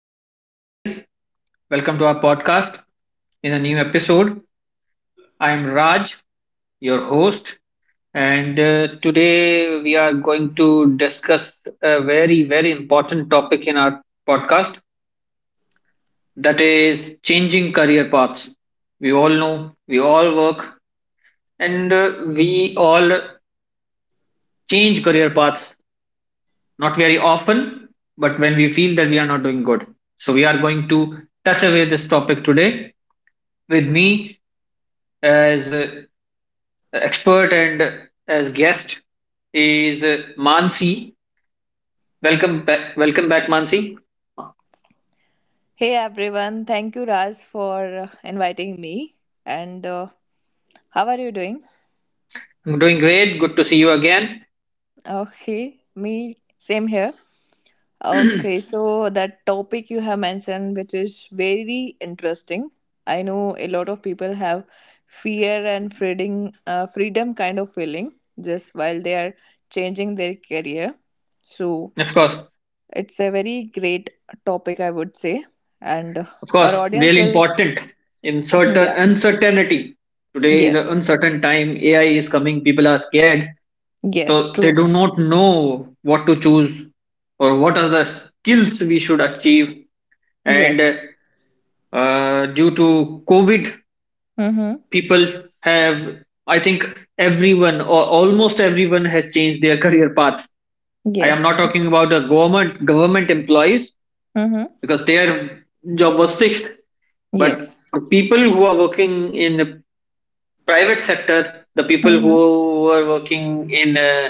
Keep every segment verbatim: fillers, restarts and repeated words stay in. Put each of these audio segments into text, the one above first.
Welcome back, guys. Welcome to our podcast in a new episode. I am Raj, your host, and uh, today we are going to discuss a very, very important topic in our podcast that is changing career paths. We all know, we all work, and uh, we all change career paths not very often, but when we feel that we are not doing good. So, we are going to touch away this topic today. With me, as expert and as guest is uh, Mansi. Welcome back, welcome back, Mansi. Hey everyone, thank you Raj for uh, inviting me. And uh, how are you doing? I'm doing great. Good to see you again. Okay, me same here. Of Okay, so that topic you have mentioned, which is very interesting. I know a lot of people have fear and freedom, uh, freedom kind of feeling just while they are changing their career. So course, it's a very great topic, I would say, and uh, of our course, audience really will, important in certain yeah, uncertainty. Today is an yes, uncertain time. A I is coming. People are scared, yes, so they true. do not know what to choose or what are the skills we should achieve. And Yes. Uh, due to COVID, Mm-hmm. people have i think everyone or almost everyone has changed their career paths. I am not Yes. talking about the government government employees Mm-hmm. because their job was fixed, but Yes. the people who are working in the private sector, the people Mm-hmm. who are working in uh,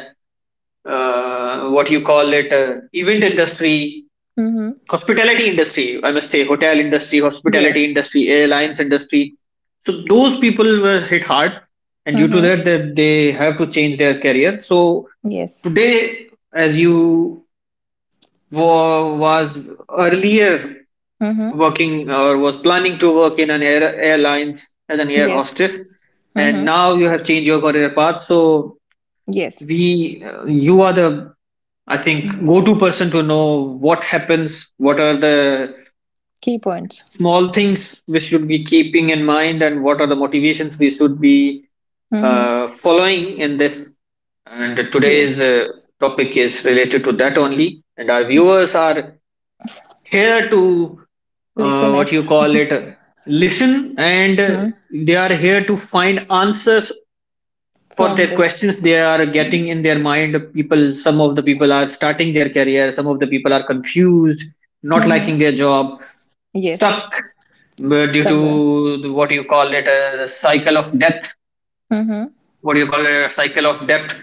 uh, what you call it uh, event industry, Mm-hmm. hospitality industry, I must say hotel industry, hospitality Yes. industry, airlines industry, so those people were hit hard, and due to Mm-hmm. that that they have to change their career. So Yes. today, as you wa- was earlier Mm-hmm. working or was planning to work in an air, airlines as an air Yes. hostess, and Mm-hmm. now you have changed your career path. So Yes. we uh, you are the, I think, go to person to know what happens, what are the Key points. small things we should be keeping in mind, and what are the motivations we should be Mm-hmm. uh, following in this. And today's Yes. uh, topic is related to that only, and our viewers are here to uh, what you Listeners. call it uh, listen, and uh, Mm-hmm. they are here to find answers for From their questions this. they are getting in their mind. People, some of the people are starting their career, some of the people are confused, not Mm-hmm. liking their job, Yes. stuck where due to Somewhere. the- what you call it a cycle of death Mm-hmm. what you call it, a cycle of debt,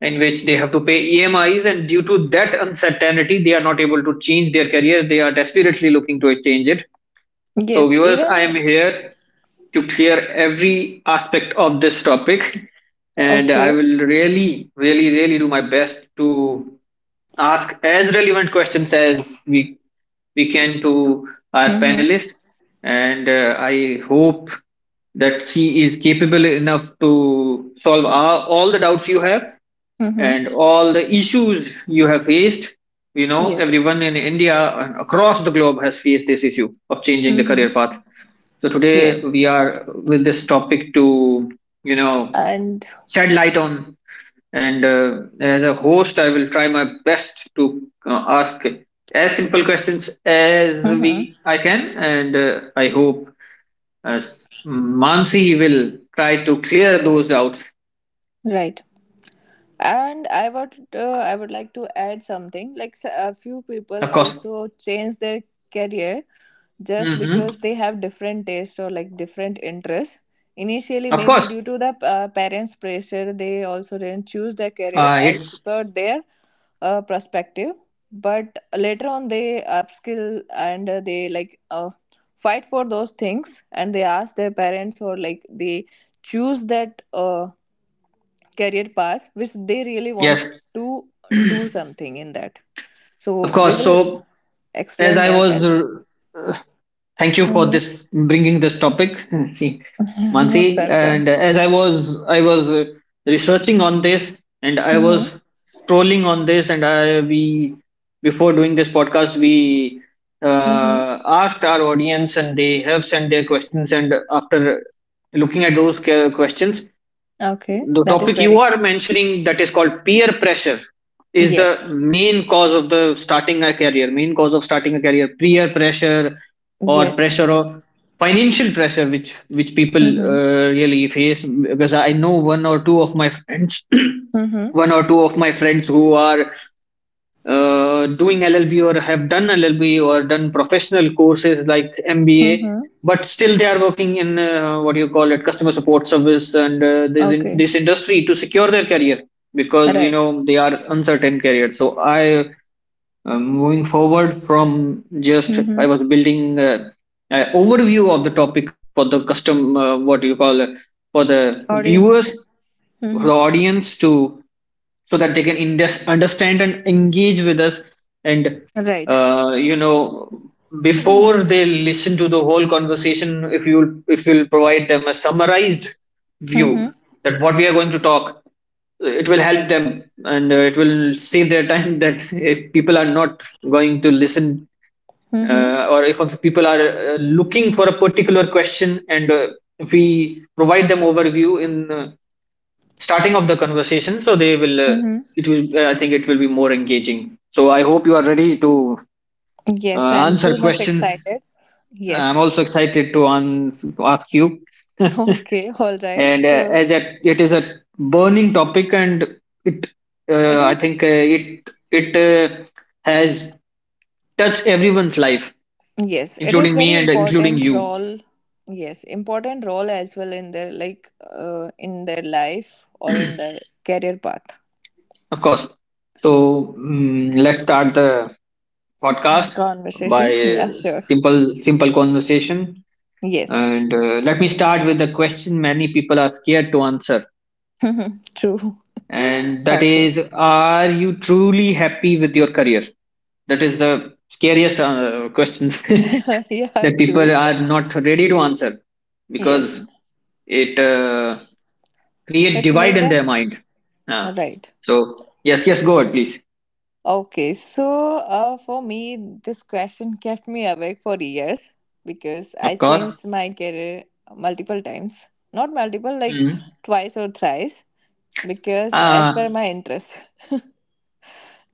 in which they have to pay emis, and due to that uncertainty they are not able to change their career, they are desperately looking to change it. So Yes. viewers, I am Even here to clear every aspect of this topic. And I okay. will really, really, really do my best to ask as relevant questions as we, we can to our Mm-hmm. panelists. And uh, I hope that she is capable enough to solve all, all the doubts you have and Mm-hmm. all the issues you have faced. You know, Yes. everyone in India and across the globe has faced this issue of changing the career Mm-hmm. path. So today we Yes. are with this topic to, you know, And shed light on, and uh, as a host, I will try my best to uh, ask as simple questions as mm-hmm. we I can, and uh, I hope uh, Mansi will try to clear those doubts. Right. And i would uh, i would like to add something like s- a few people Of course, also change their career just because hmm, they have different taste or like different interests. Initially, of maybe course, due to the uh, parents' pressure, they also didn't choose their career uh, as it's per their uh, perspective, but later on they upskill and uh, they like uh, fight for those things, and they ask their parents, or like they choose that uh, career path which they really want yes, to do something in that. of So we course. will So as explain I that was as uh, thank you for mm-hmm. this bringing this topic. See, Mansi, Most welcome. and as I was i was uh, researching on this, and I Mm-hmm. was scrolling on this, and I we before doing this podcast we Mm-hmm. uh, asked our audience and they have sent their questions, and after looking at those que- questions, Okay, the that is topic you very are mentioning, that is called peer pressure, is the yes. main cause of the starting a career, main cause of starting a career, peer pressure or Yes. pressure or financial pressure, which which people Mm-hmm. uh, really face, because I know one or two of my friends Mm-hmm. one or two of my friends who are uh, doing L L B or have done L L B or done professional courses like M B A, Mm-hmm. but still they are working in uh, what you call it, customer support service, and uh, this in, Okay. this industry to secure their career because, you Right. know, they are uncertain career. So I, um, moving forward from, just Mm-hmm. I was building uh, an overview of the topic for the custom uh, what you call uh, for the Audience. viewers, for Mm-hmm. the audience to, so that they can indes- understand and engage with us, and Right. uh, you know, before they listen to the whole conversation, if you, if you'll provide them a summarized Mm-hmm. view that what we are going to talk, it will help them, and uh, it will save their time. That if people are not going to listen, Mm-hmm. uh, or if people are uh, looking for a particular question, and uh, if we provide them overview in uh, starting of the conversation, so they will, uh, Mm-hmm. it will uh, I think it will be more engaging. So I hope you are ready to Yes, uh, I'm answer too much questions. excited. I'm Yes. also excited to an- ask you. Okay, all right. and uh, So as a, it is a burning topic, and it it uh, I is think uh, it it uh, has touched everyone's life, yes, it is including me very and including important you, role. Yes, important role as well in their like uh, in their life or in their career path. of course. So, mm, let's start the podcast by Conversation. Yeah, sure. simple simple conversation. Yes. And uh, let me start with the question many people are scared to answer. True. And that Okay. is, are you truly happy with your career? That is the scariest uh, questions. Yeah, That people true. are not ready to answer Yes. because it uh, create It divide make in their them mind. Uh, right. so yes, yes, go ahead, please. Okay, so uh, for me, this question kept me awake for years because Of I course. changed my career multiple times. Not multiple, like Mm-hmm. twice or thrice, because as Uh, per my interest.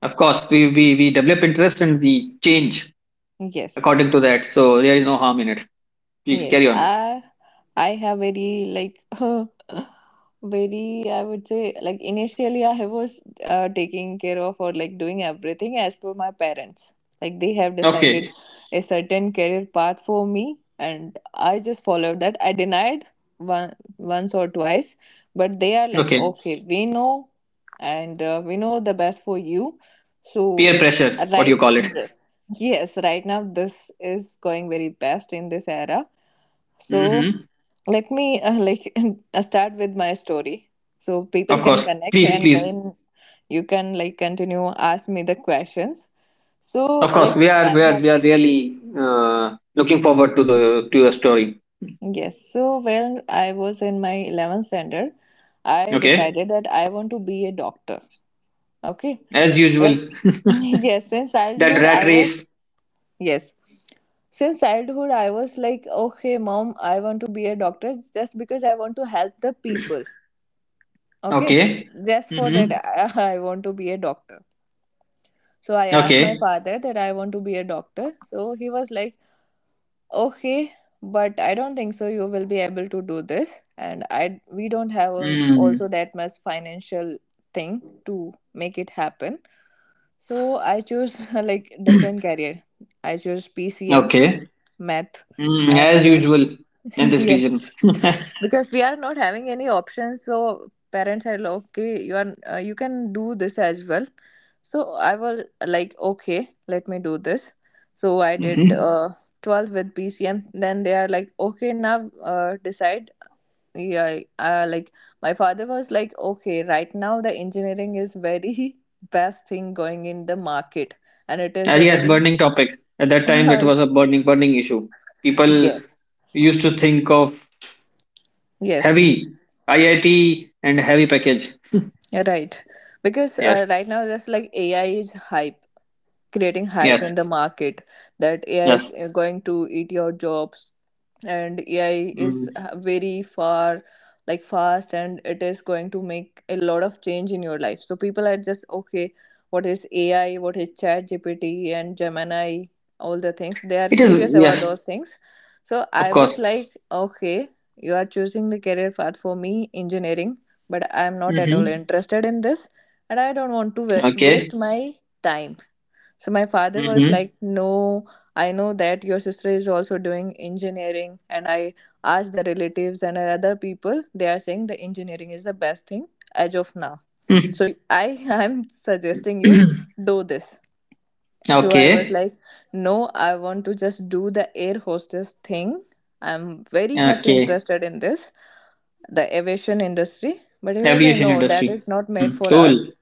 of course, we, we, we develop interest and we change Yes, according to that. So there is no harm in it. Please Yes, carry on. I I have very like very, I would say, like initially I was uh, taking care of or like doing everything as per my parents. Like they have decided Okay. a certain career path for me, and I just followed that. I denied one once or twice, but they are like, Okay. okay, we know, and uh, we know the best for you. So Peer pressure, what right, you call it. yes, yes, right now this is going very best in this era. So Mm-hmm. let me uh, like uh, start with my story so people Of can course, connect, please, and please. then you can like continue ask me the questions. So Of course, like we when are I we are have we are really uh, looking forward to the to your story. yes, so when I was in my eleventh standard, I Okay, decided that I want to be a doctor. Okay, as like usual, yes, since that childhood rat I race. was yes since childhood I was like, okay, mom, I want to be a doctor just because I want to help the people. Okay, Okay. just for that, Mm-hmm. I want to be a doctor. So I asked my Okay. father that I want to be a doctor. So he was like, okay, but I don't think so you will be able to do this. And I we don't have al- also Mm. that much financial thing to make it happen. So I chose like different career. I chose P C M, Okay. math, Mm. As and uh, usual in this region. yes. Mm-hmm. Because we are not having any options, so parents are like, okay, you are uh, you can do this as well. So I was like, okay, let me do this. So I did uh, twelfth with PCM. Then they are like, okay, now uh, decide. Yeah, uh, like my father was like, okay, right now the engineering is very best thing going in the market, and it Uh, is a Yes, very burning topic. At that time, that was a burning burning issue. People yes. used to think of Yes, heavy I I T and heavy package. you're right, because Yes. uh, right now, just like AI is hype, creating hype Yes. in the market, that A I is Yes. uh, going to eat your jobs, and A I is Mm. uh, very far like fast, and it is going to make a lot of change in your life. So people are just okay, what is A I, what is Chat G P T and Gemini, all the things. They are It is. curious about Yes. those things. So Of I course. was like, okay, you are choosing the career path for me, engineering, but I am not at all Mm-hmm. interested in this, and I don't want to wa- waste Okay. my time. So my father was Mm-hmm. like, no, I know that your sister is also doing engineering, and I asked the relatives and other people, they are saying the engineering is the best thing as of now. So I am suggesting you do this. So I was Okay. like, no, I want to just do the air hostess thing. I'm very much Okay. interested in this, the aviation industry. But he was like, Aviation no, that industry. is not made Mm. for us. Cool.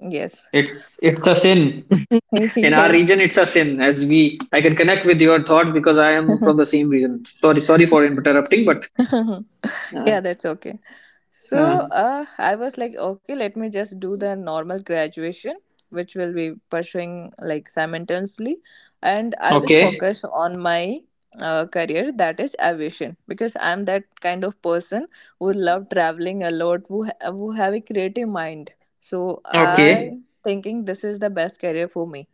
Yes. It's it's a sin. In our Yes. region, it's a sin. As we, I can connect with your thought because I am from the same region. Sorry, sorry for interrupting, but uh, Yeah, that's okay. uh, So uh, I was like, okay, let me just do the normal graduation, which will be pursuing like simultaneously, and I will okay, focus on my uh, career, that is aviation, because I'm that kind of person who love traveling a lot, who ha- who have a creative mind. So okay. I thinking this is the best career for me,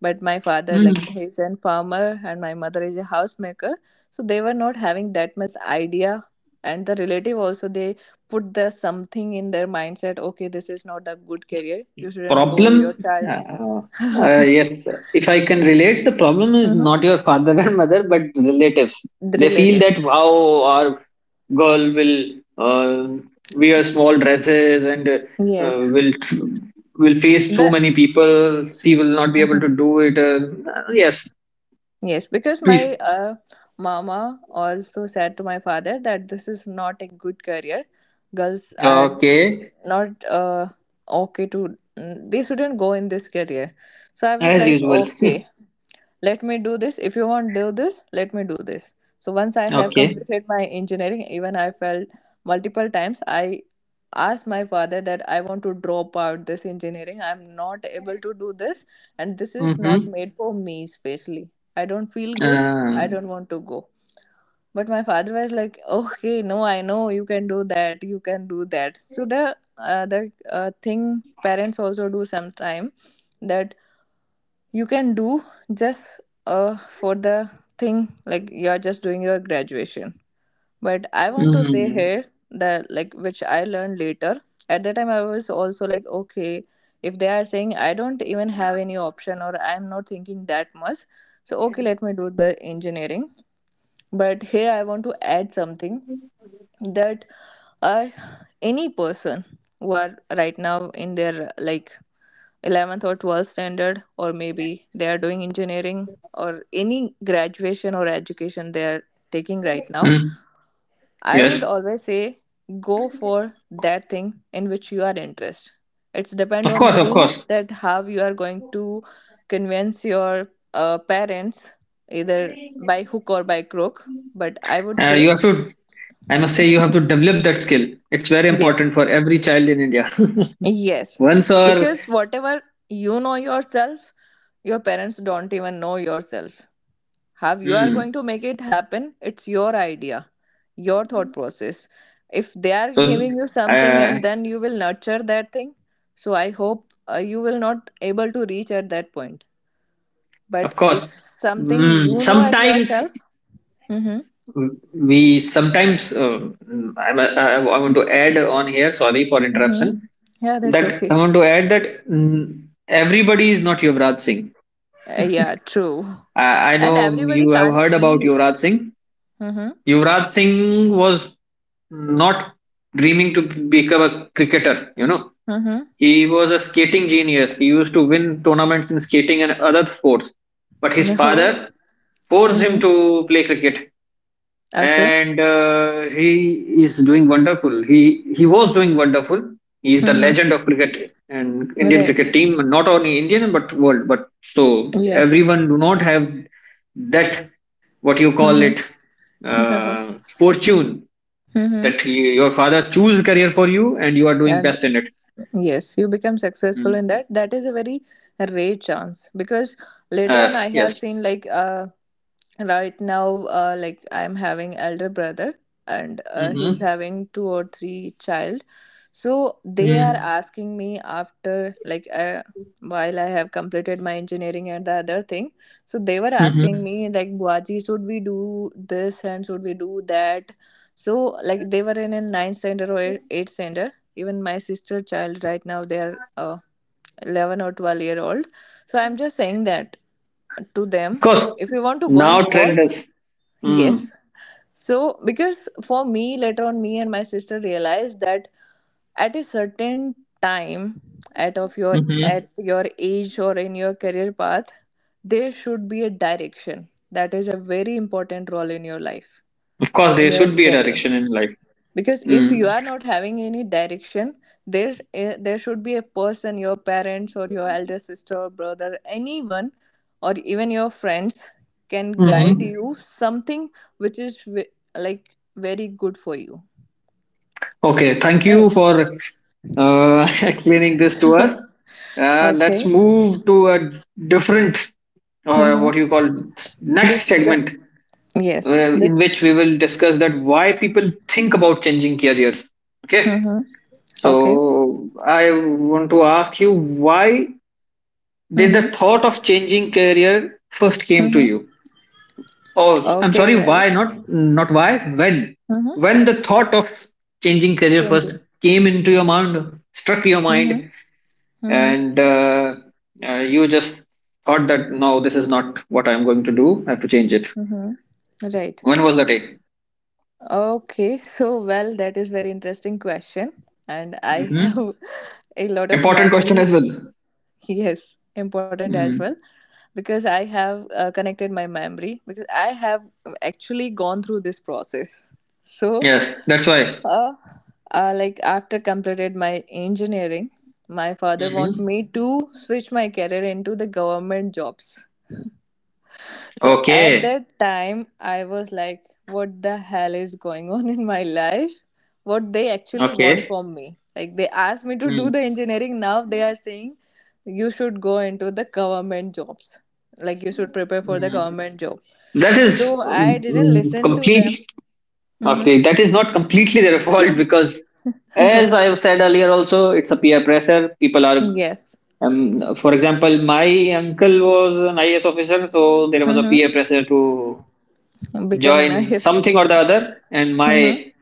but my father like he's a farmer and my mother is a housemaker, so they were not having that much idea, and the relative also, they put the something in their mindset, okay, this is not a good career, you shouldn't go Problem, your child. uh, uh, yes, if I can relate, the problem is not Mhm. your father and mother, but relatives. The They feel that, relatives, wow, our girl will uh, wear small dresses and uh, yes, will tr- will face so the many people, she will not be able to mhm. do it. Uh, yes, Yes, because please. my uh, mama also said to my father that this is not a good career. Girls are Okay, not uh, okay to mm, they shouldn't go in this career. So I was as like, usual. okay, let me do this if you want do this let me do this. So once I have Okay. completed my engineering, even I felt multiple times I asked my father that I want to drop out this engineering, I'm not able to do this, and this is Mm-hmm. not made for me especially, I don't feel good, Uh, I don't want to go. But my father was like, okay, no, I know you can do that you can do that. So the uh, the uh, thing parents also do sometime, that you can do, just uh, for the thing, like you're just doing your graduation. But I want to say mm-hmm. here that, like, which I learned later, at that time I was also like, okay, if they are saying, I don't even have any option, or I'm not thinking that much, so okay, let me do the engineering. But here I want to add something, that uh, any person who are right now in their like eleventh or twelfth standard, or maybe they are doing engineering or any graduation or education they are taking right now, I would Yes, always say go for that thing in which you are interested. It's depend of on course, of you course, that how you are going to convince your uh, parents, either by hook or by crook. But I would uh, say you have to, I must say you have to develop that skill. It's very yes, important for every child in India. yes, Once or, because whatever you know yourself, your parents don't even know yourself, have you are hmm. going to make it happen, it's your idea, your thought process. If they are So, giving you something uh, and then you will nurture that thing, so I hope uh, you will not able to reach at that point, of but course, if something mm, you know at sometimes yourself mm-hmm, we sometimes uh, I'm, I, I want to add on here. Sorry for mm-hmm. interruption. Yeah, that's That okay. I want to add that, mm, everybody is not Yuvraj Singh. Uh, yeah, true. I, I And know everybody you have can't heard about be Yuvraj Singh. mm-hmm, Yuvraj Singh was not dreaming to become a cricketer. You know, mm-hmm. he was a skating genius. He used to win tournaments in skating and other sports. But his No. father forced him Mm-hmm. to play cricket, Okay. and uh, he is doing wonderful. He he was doing wonderful. He is the Mm-hmm. legend of cricket and Indian Right. cricket team, not only Indian but world. But so Yes. everyone do not have that, what you call it, Mm-hmm. uh, fortune Mm-hmm. that you, your father choose career for you and you are doing And best in it. yes, you become successful Mm. in that. That is a very rare chance, because later on I Yes, have yes. seen like uh, right now uh, like I'm having elder brother, and uh, he's Mhm. having two or three child. So they are Mm. asking me after like uh, while I have completed my engineering and the other thing. So they were asking Mhm. me like buaji, should we do this and should we do that. So like they were in a ninth standard or eight- eighth standard. Even my sister child right now, they are uh, eleven or twelve year old. So I'm just saying that to Of them, course, if you want to go in now trend sports, is. Mm. yes. So because for me later on, me and my sister realized that at a certain time, at of your Mhm. at your age or in your career path, there should be a direction. That is a very important role in your life, Of course, in there your should be a career, direction in life. because if Mm. you are not having any direction, there eh, there should be a person, your parents or your elder sister or brother, anyone or even your friends can guide Mhm. you something which is ve- like very good for you. Okay, thank Right. you for uh, explaining this to us. Uh, let's Okay. move to a different or what you Mm-hmm. call next This segment uh, yes, in which this we will discuss that why people think about changing careers. Okay, mm-hmm. Okay. so I want to ask you, why, Did Mm-hmm. the thought of changing career first came to Mm-hmm. you? Oh, I'm Okay, sorry, well, why not? Not why, when? mm-hmm. When the thought of changing career first Changing came into your mind, struck your mm-hmm. mind, Mm-hmm. and uh, uh, you just thought that no, this is not what I'm going to do, I have to change it. Mm-hmm. Right. When was the day? Okay, so well, that is very interesting question, and I Hmm. have a lot of Important question memory. as well. Yes, important as well, Mm. because I have uh, connected my memory because I have actually gone through this process. So, Yes, that's why. uh, uh, like after completed my engineering, my father want Hmm. me to switch my career into the government jobs. So at Okay, that time, I was like, what the hell is going on in my life? What they actually want okay. from me? Like they asked me to do Mm. the engineering. Now they are saying you should go into the government jobs. Like you should prepare for the Mm. government job. That is So I um, didn't listen to complete them. Mm-hmm. Okay, that is not completely their fault because, as I have said earlier, also it's a peer pressure. People are, Yes. um, for example, my uncle was an I A S officer, so there was a Mm-hmm. peer pressure to Become an join I A S. something or the other. And Mm-hmm. my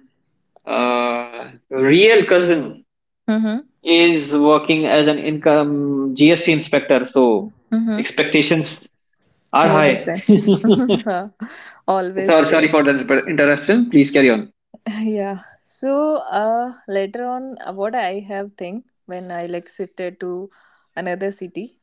uh, real cousin Mm-hmm. is working as an income G S T inspector, so Mm-hmm. expectations are We're high. different. Always Sorry, sorry there. for the inter- interruption. Please carry on. Yeah, so uh later on, uh, what I have think when I like shifted to another city.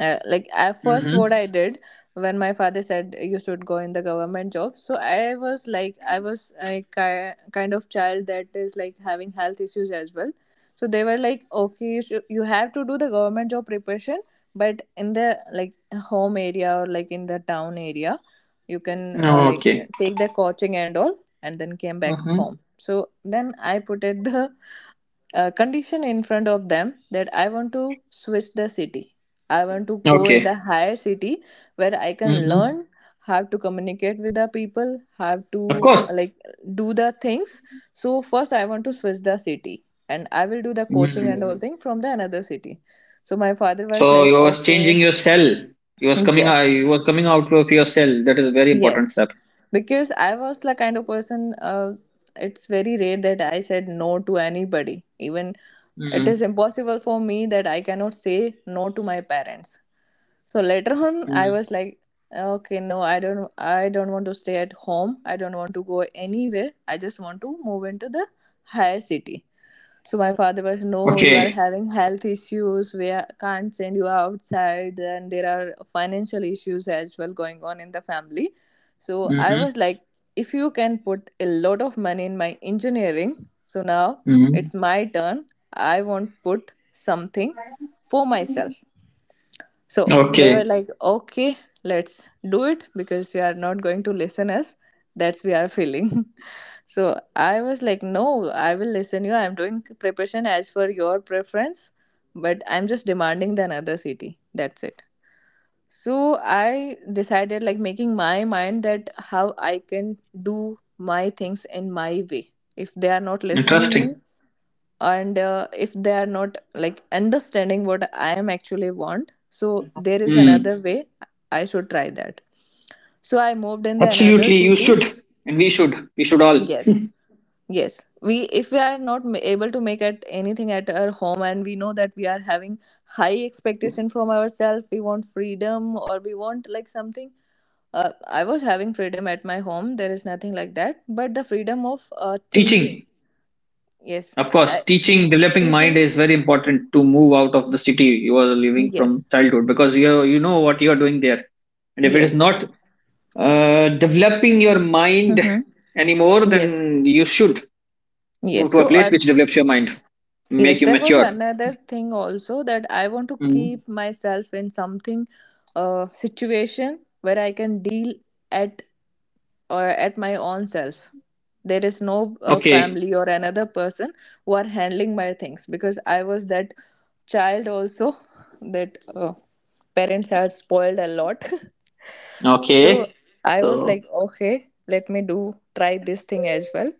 uh, Like at first what Mm-hmm. I did when my father said you should go in the government job, so I was like, I was a ki- kind of child that is like having health issues as well, so they were like, okay, you, should, you have to do the government job preparation, but in the like home area or like in the town area, you can, uh, like Okay. take the coaching and all, and then came back Mm-hmm. home. So then I put it, the uh, condition in front of them that I want to switch the city. I want to go in the Okay. higher city where I can Mm-hmm. learn how to communicate with the people, how Of to course. like do the things. So first I want to switch the city and I will do the coaching and all Mm. thing from the another city. So my father was So you like, was changing okay, your cell. You was coming out. You yes, was coming out of your cell. That is a very important yes, step. because I was the kind of person. Uh, it's very rare that I said no to anybody, even it Mm. is impossible for me that I cannot say no to my parents. So later on, I Mm. was like, okay, no, I don't, I don't want to stay at home. I don't want to go anywhere. I just want to move into the higher city. So my father was, no, you are Okay. having health issues. We are- can't send you outside, and there are financial issues as well going on in the family. So I Mm-hmm. was like, if you can put a lot of money in my engineering, so now Mm-hmm. it's my turn. I won't put something for myself. So they Okay. were like, okay, let's do it because you are not going to listen us. That's we are feeling. So I was like, no, I will listen you. I'm doing preparation as per your preference, but I'm just demanding the another city. That's it. So I decided like making my mind that how I can do my things in my way. If they are not listening me, Interesting. and uh, if they are not like understanding what I am actually want, so there is Mm. another way I should try that. So I moved in the another Absolutely, you city. should, and we should. We should all Yes, yes. we If we are not ma- able to make at anything at our home, and we know that we are having high expectation from ourselves, we want freedom, or we want like something. uh, I was having freedom at my home. There is nothing like that, but the freedom of uh, thinking. teaching. Yes. Of uh, course, teaching, developing mind Teaching. is very important to move out of the city you are living Yes, from childhood because you you know what you are doing there, and if it is yes. not uh, developing your mind Mm-hmm. anymore, Yes, then you should move yes. to a So, place uh, which develops your mind, Yes, make you there was mature. another thing also that I want to Mm. keep myself in something, uh, situation where I can deal at or at my own self. There is no uh, Okay. family or another person who are handling my things because I was that child also, that uh, parents had spoiled a lot. So Okay. I was So, like, okay, let me do try this thing as well.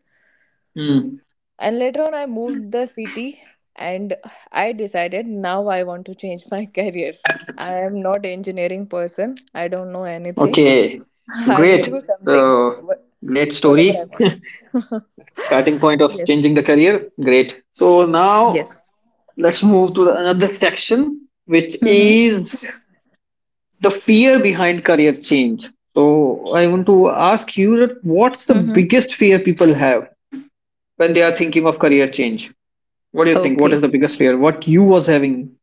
mm. And later on, I moved the city and I decided now I want to change my career. I am not engineering person. I don't know anything. Okay. I will Great. do something, So, wha- great whatever I story. want. Starting point of Yes. changing the career. Great. So, now Yes. let's move to another section, which Mm-hmm. is the fear behind career change. So, I want to ask you that what's the Mm-hmm. biggest fear people have when they are thinking of career change? What do you think? What Okay. is the biggest fear? What you was having?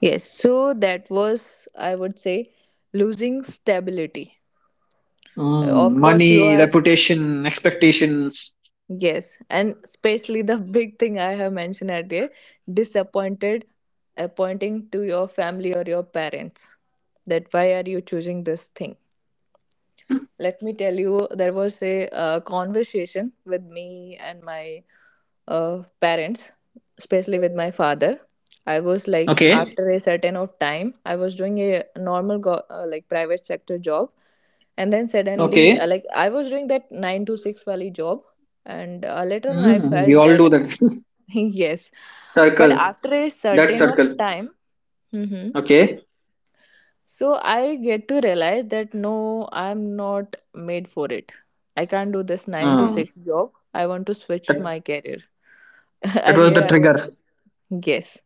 Yes. So that was, I would say, losing stability. Uh, Mm, Of course, you money, are. reputation, expectations. Yes, and especially the big thing I have mentioned earlier, disappointed, appointing to your family or your parents. That why are you choosing this thing? Let me tell you, there was a uh, conversation with me and my uh, parents, especially with my father. I was like, Okay. after a certain of time, I was doing a normal go- uh, like private sector job, and then Okay. suddenly, uh, like I was doing that nine to six valley job, and uh, later on I Mm, we felt all do that, that yes, but circle. after a That certain of circle. time. Hmm. Okay. So I get to realize that no, I'm not made for it. I can't do this nine to Mm, six job. I want to switch that my career. that was the Earlier, I was, trigger. yes.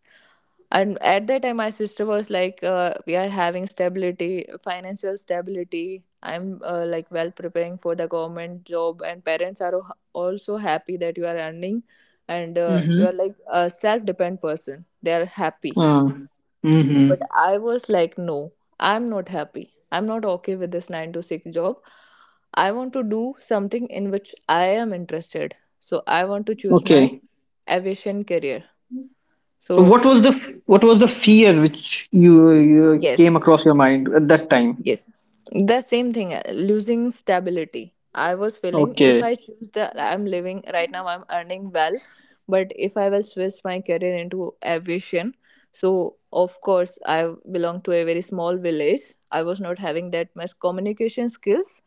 And at that time, my sister was like, uh, we are having stability, financial stability. I'm, uh, like well preparing for the government job, and parents are al- also happy that you are earning, and uh, you are Mm-hmm. like a self dependent person. They are happy, Mm, but mm-hmm. I was like, no, I'm not happy. I'm not okay with this nine to six job. I want to do something in which I am interested. So I want to choose Okay. my aviation career. So So, what was the f- what was the fear which you, you yes. came across your mind at that time? Yes. The same thing, uh, losing stability. I was feeling if Okay. I choose the I'm living right now, I'm earning well, but if I will switch my career into aviation, so of course I belong to a very small village. I was not having that much communication skills,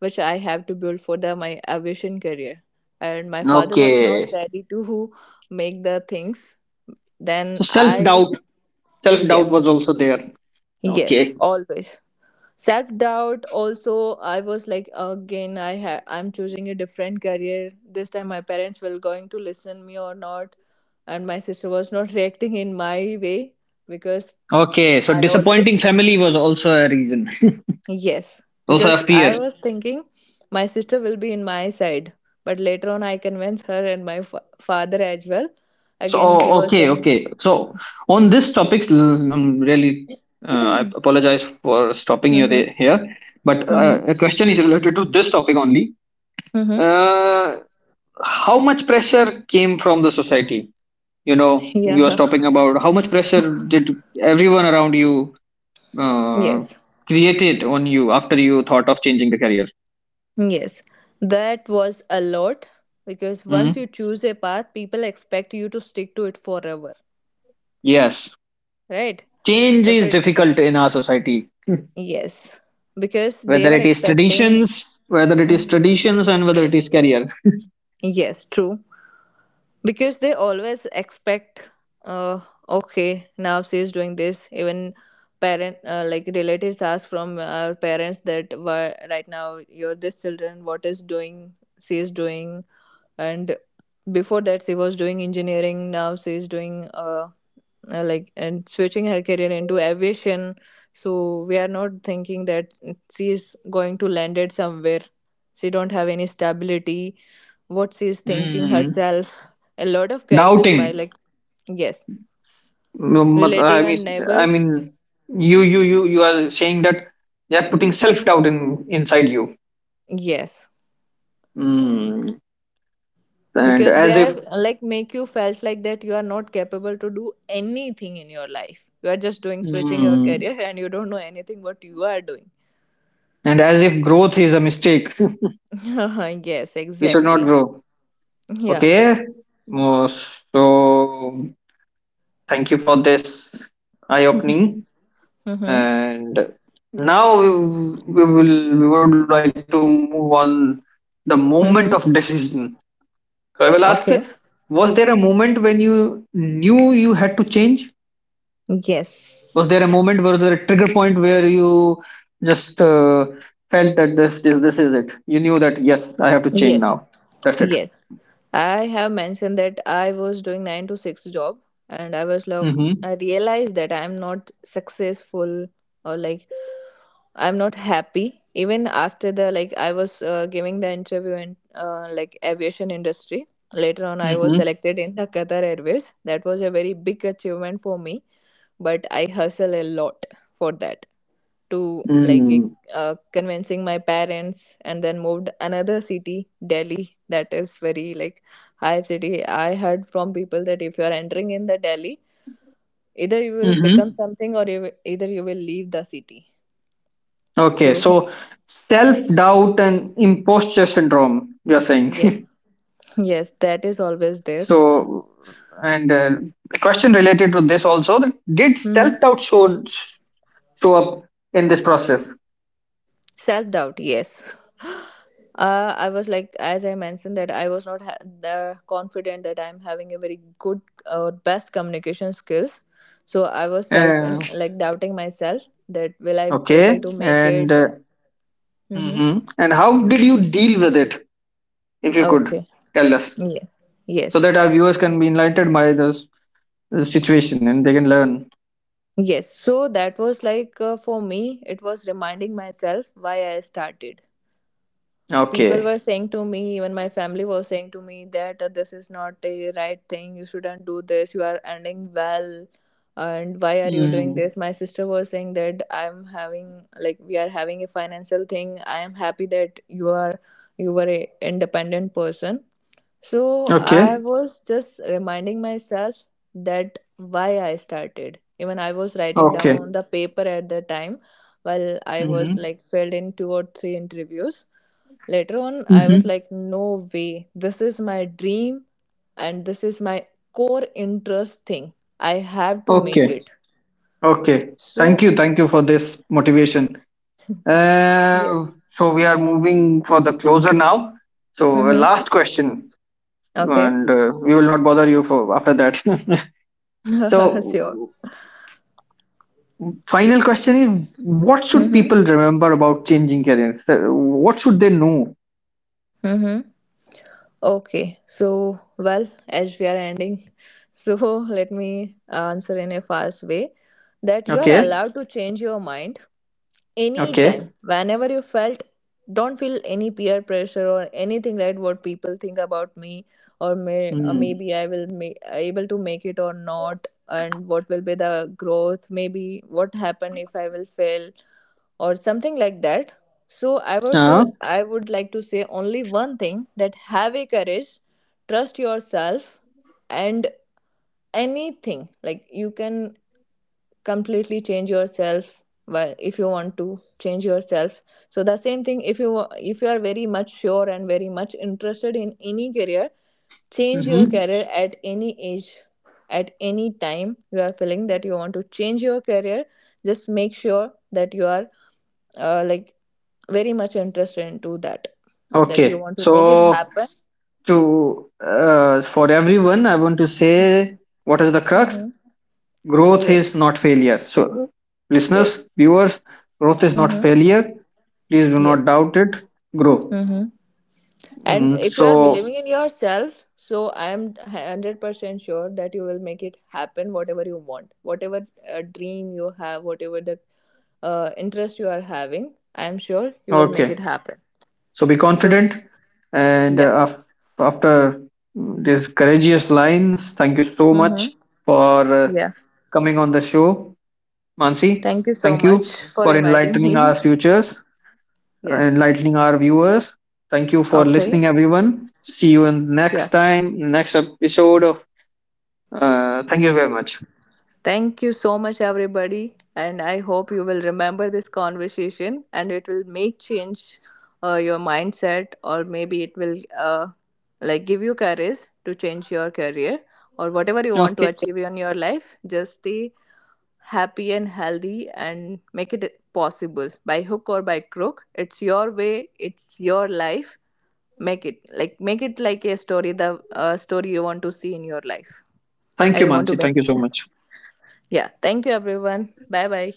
which I have to build for the my aviation career. And my father was not Okay. ready to make the things. So Then self I, doubt. Self doubt yes, was also there. yes, Okay. always self doubt also. I was like, again I ha- I'm choosing a different career. This time my parents were going to listen me or not, and my sister was not reacting in my way, because Okay. So I always, disappointing family was also a reason. yes, Also a because I fear. was thinking my sister will be in my side, but later on I convinced her and my fa- father as well. So, Again he oh, was okay, saying, okay. So, on this topic, l- um, really, uh, I mm-hmm, apologize for stopping you there, here, but uh, mm-hmm, a question is related to this topic only. mm-hmm. Uh, how much pressure came from the society? You know, you was Yeah. talking about how much pressure did everyone around you uh, Yes. created on you after you thought of changing the career? Yes, that was a lot because Mm. once you choose a path, people expect you to stick to it forever, Yes, right? change If is it difficult in our society, Yes, because they whether were it is expecting. traditions, whether it is Mhm. traditions, and whether it is career. Yes, true. Because they always expect, uh, okay, now she's doing this. Even parent, uh, like relatives, ask from our parents that why right now you're this children. What is doing? She is doing, and before that she was doing engineering. Now she is doing. Uh, uh, like and switching her career into aviation, so we are not thinking that she is going to land it somewhere. She don't have any stability. What she is thinking Mm, herself? A lot of question by doubting. like, yes, No, mat- relative I mean, and I neighbor. mean, you, you, you, you are saying that they are putting self-doubt in inside you, Yes, mm, and because they as are if, like make you felt like that you are not capable to do anything in your life. You are just doing switching your mm, career, and you don't know anything what you are doing. and as if growth is a mistake. Yes, We should not exactly. grow. Yeah. Okay. Oh, so, thank you for this eye-opening. Mm-hmm. And now we will, we would like to move on the moment Mm-hmm. of decision. So I will ask, Okay. was there a moment when you knew you had to change? Was there a Yes. moment, was there a trigger point where you just uh, felt that this, this this is it? You knew that yes, I have to change Yes. now. That's it. Yes. I have mentioned that I was doing nine to six job, and I was like Mm-hmm. I realized that I'm not successful, or like I'm not happy even after the like I was, uh, giving the interview in, uh, like aviation industry. Later on I was Mm-hmm. selected in the Qatar Airways. That was a very big achievement for me, but I hustle a lot for that to like it- Mm. uh, convincing my parents, and then moved another city, Delhi. That is very like high city. I heard from people that if you are entering in the Delhi, either you will become Hmm. something or you will, either you will leave the city. Okay, So so self doubt and imposture syndrome. You're yes, saying. yes, that is always there. So, and uh, a question related to this also: that did Mm-hmm. self doubt show show up in this process? Self doubt, yes. uh, I was like, as I mentioned, that I was not ha- the confident that I'm having a very good uh, or best communication skills, so I was self Uh, like doubting myself that will I able to Okay, make and it. Uh, mm-hmm. mhm. And how did you deal with it, if you could Okay. tell us, Yeah. so Yes, that our viewers can be enlightened by this, this situation and they can learn. yes. So that was like, uh, for me it was reminding myself why I started. People Okay. were saying to me, even my family was saying to me that, uh, this is not a right thing. You shouldn't do this. You are earning well, and why are you doing Mm. this? My sister was saying that I'm having, like we are having a financial thing. I am happy that you are, you were a independent person. So I Okay. was just reminding myself that why I started. Even I was writing Okay. down the paper at the time while I was Mm-hmm. like failed in two or three interviews. Later on, I was Mm-hmm. like, no way, this is my dream, and this is my core interest thing. I have to make it. Okay. Okay. Thank So, you. Thank you for this motivation. Uh, yes. so we are moving for the closer now. So uh, Mm-hmm. last question, Okay. and uh, we will not bother you for after that. So Sure. final question is what should Mm-hmm. people remember about changing careers? Uh, What should they know? Mm-hmm. Okay, so well, as we are ending, so let me answer in a fast way that you are Okay, allowed to change your mind okay. anytime whenever you felt. Don't feel any peer pressure or anything like what people think about me, or may, uh, Mm. maybe I will make able to make it or not, and what will be the growth, maybe what happen if I will fail or something like that. So i would so Uh, I would like to say only one thing: that have a courage, trust yourself, and anything like you can completely change yourself, well, if you want to change yourself. So the same thing, if you if you are very much sure and very much interested in any career, change your mhm. career at any age, at any time you are feeling that you want to change your career. Just make sure that you are, uh, like very much interested into that, that you Okay, want to make it so happen. to uh, for everyone, I want to say what is the crux? Mm-hmm. Growth is Yes, not failure. So, listeners, yes. viewers, growth is not Mm-hmm. failure. Please do Yes. not doubt it. Grow. Mm-hmm. And Mm. if you are So, believing in yourself, so I am one hundred percent sure that you will make it happen, whatever you want, whatever uh, dream you have, whatever the uh, interest you are having, I am sure you will make it okay. happen. So be So, confident. And yeah. uh, af- after these courageous lines, thank you so Mm-hmm. much for uh, Yeah. coming on the show, Mansi. Thank you so Thank much you for for inviting enlightening me. our futures, Yes. enlightening our viewers. Thank you for Okay. listening, everyone. See you in Yeah. next time, next episode of. Uh, thank you very much. Thank you so much, everybody. And I hope you will remember this conversation and it will make change uh, your mindset, or maybe it will, uh, like give you courage to change your career or whatever you want to Okay. achieve in your life. Just stay happy and healthy and make it possible by hook or by crook. It's your way, it's your life. Make it like make it like a story, the uh, story you want to see in your life. Thank you, I want to Mansi. make. Thank you so much. Yeah. Thank you, everyone. Bye bye.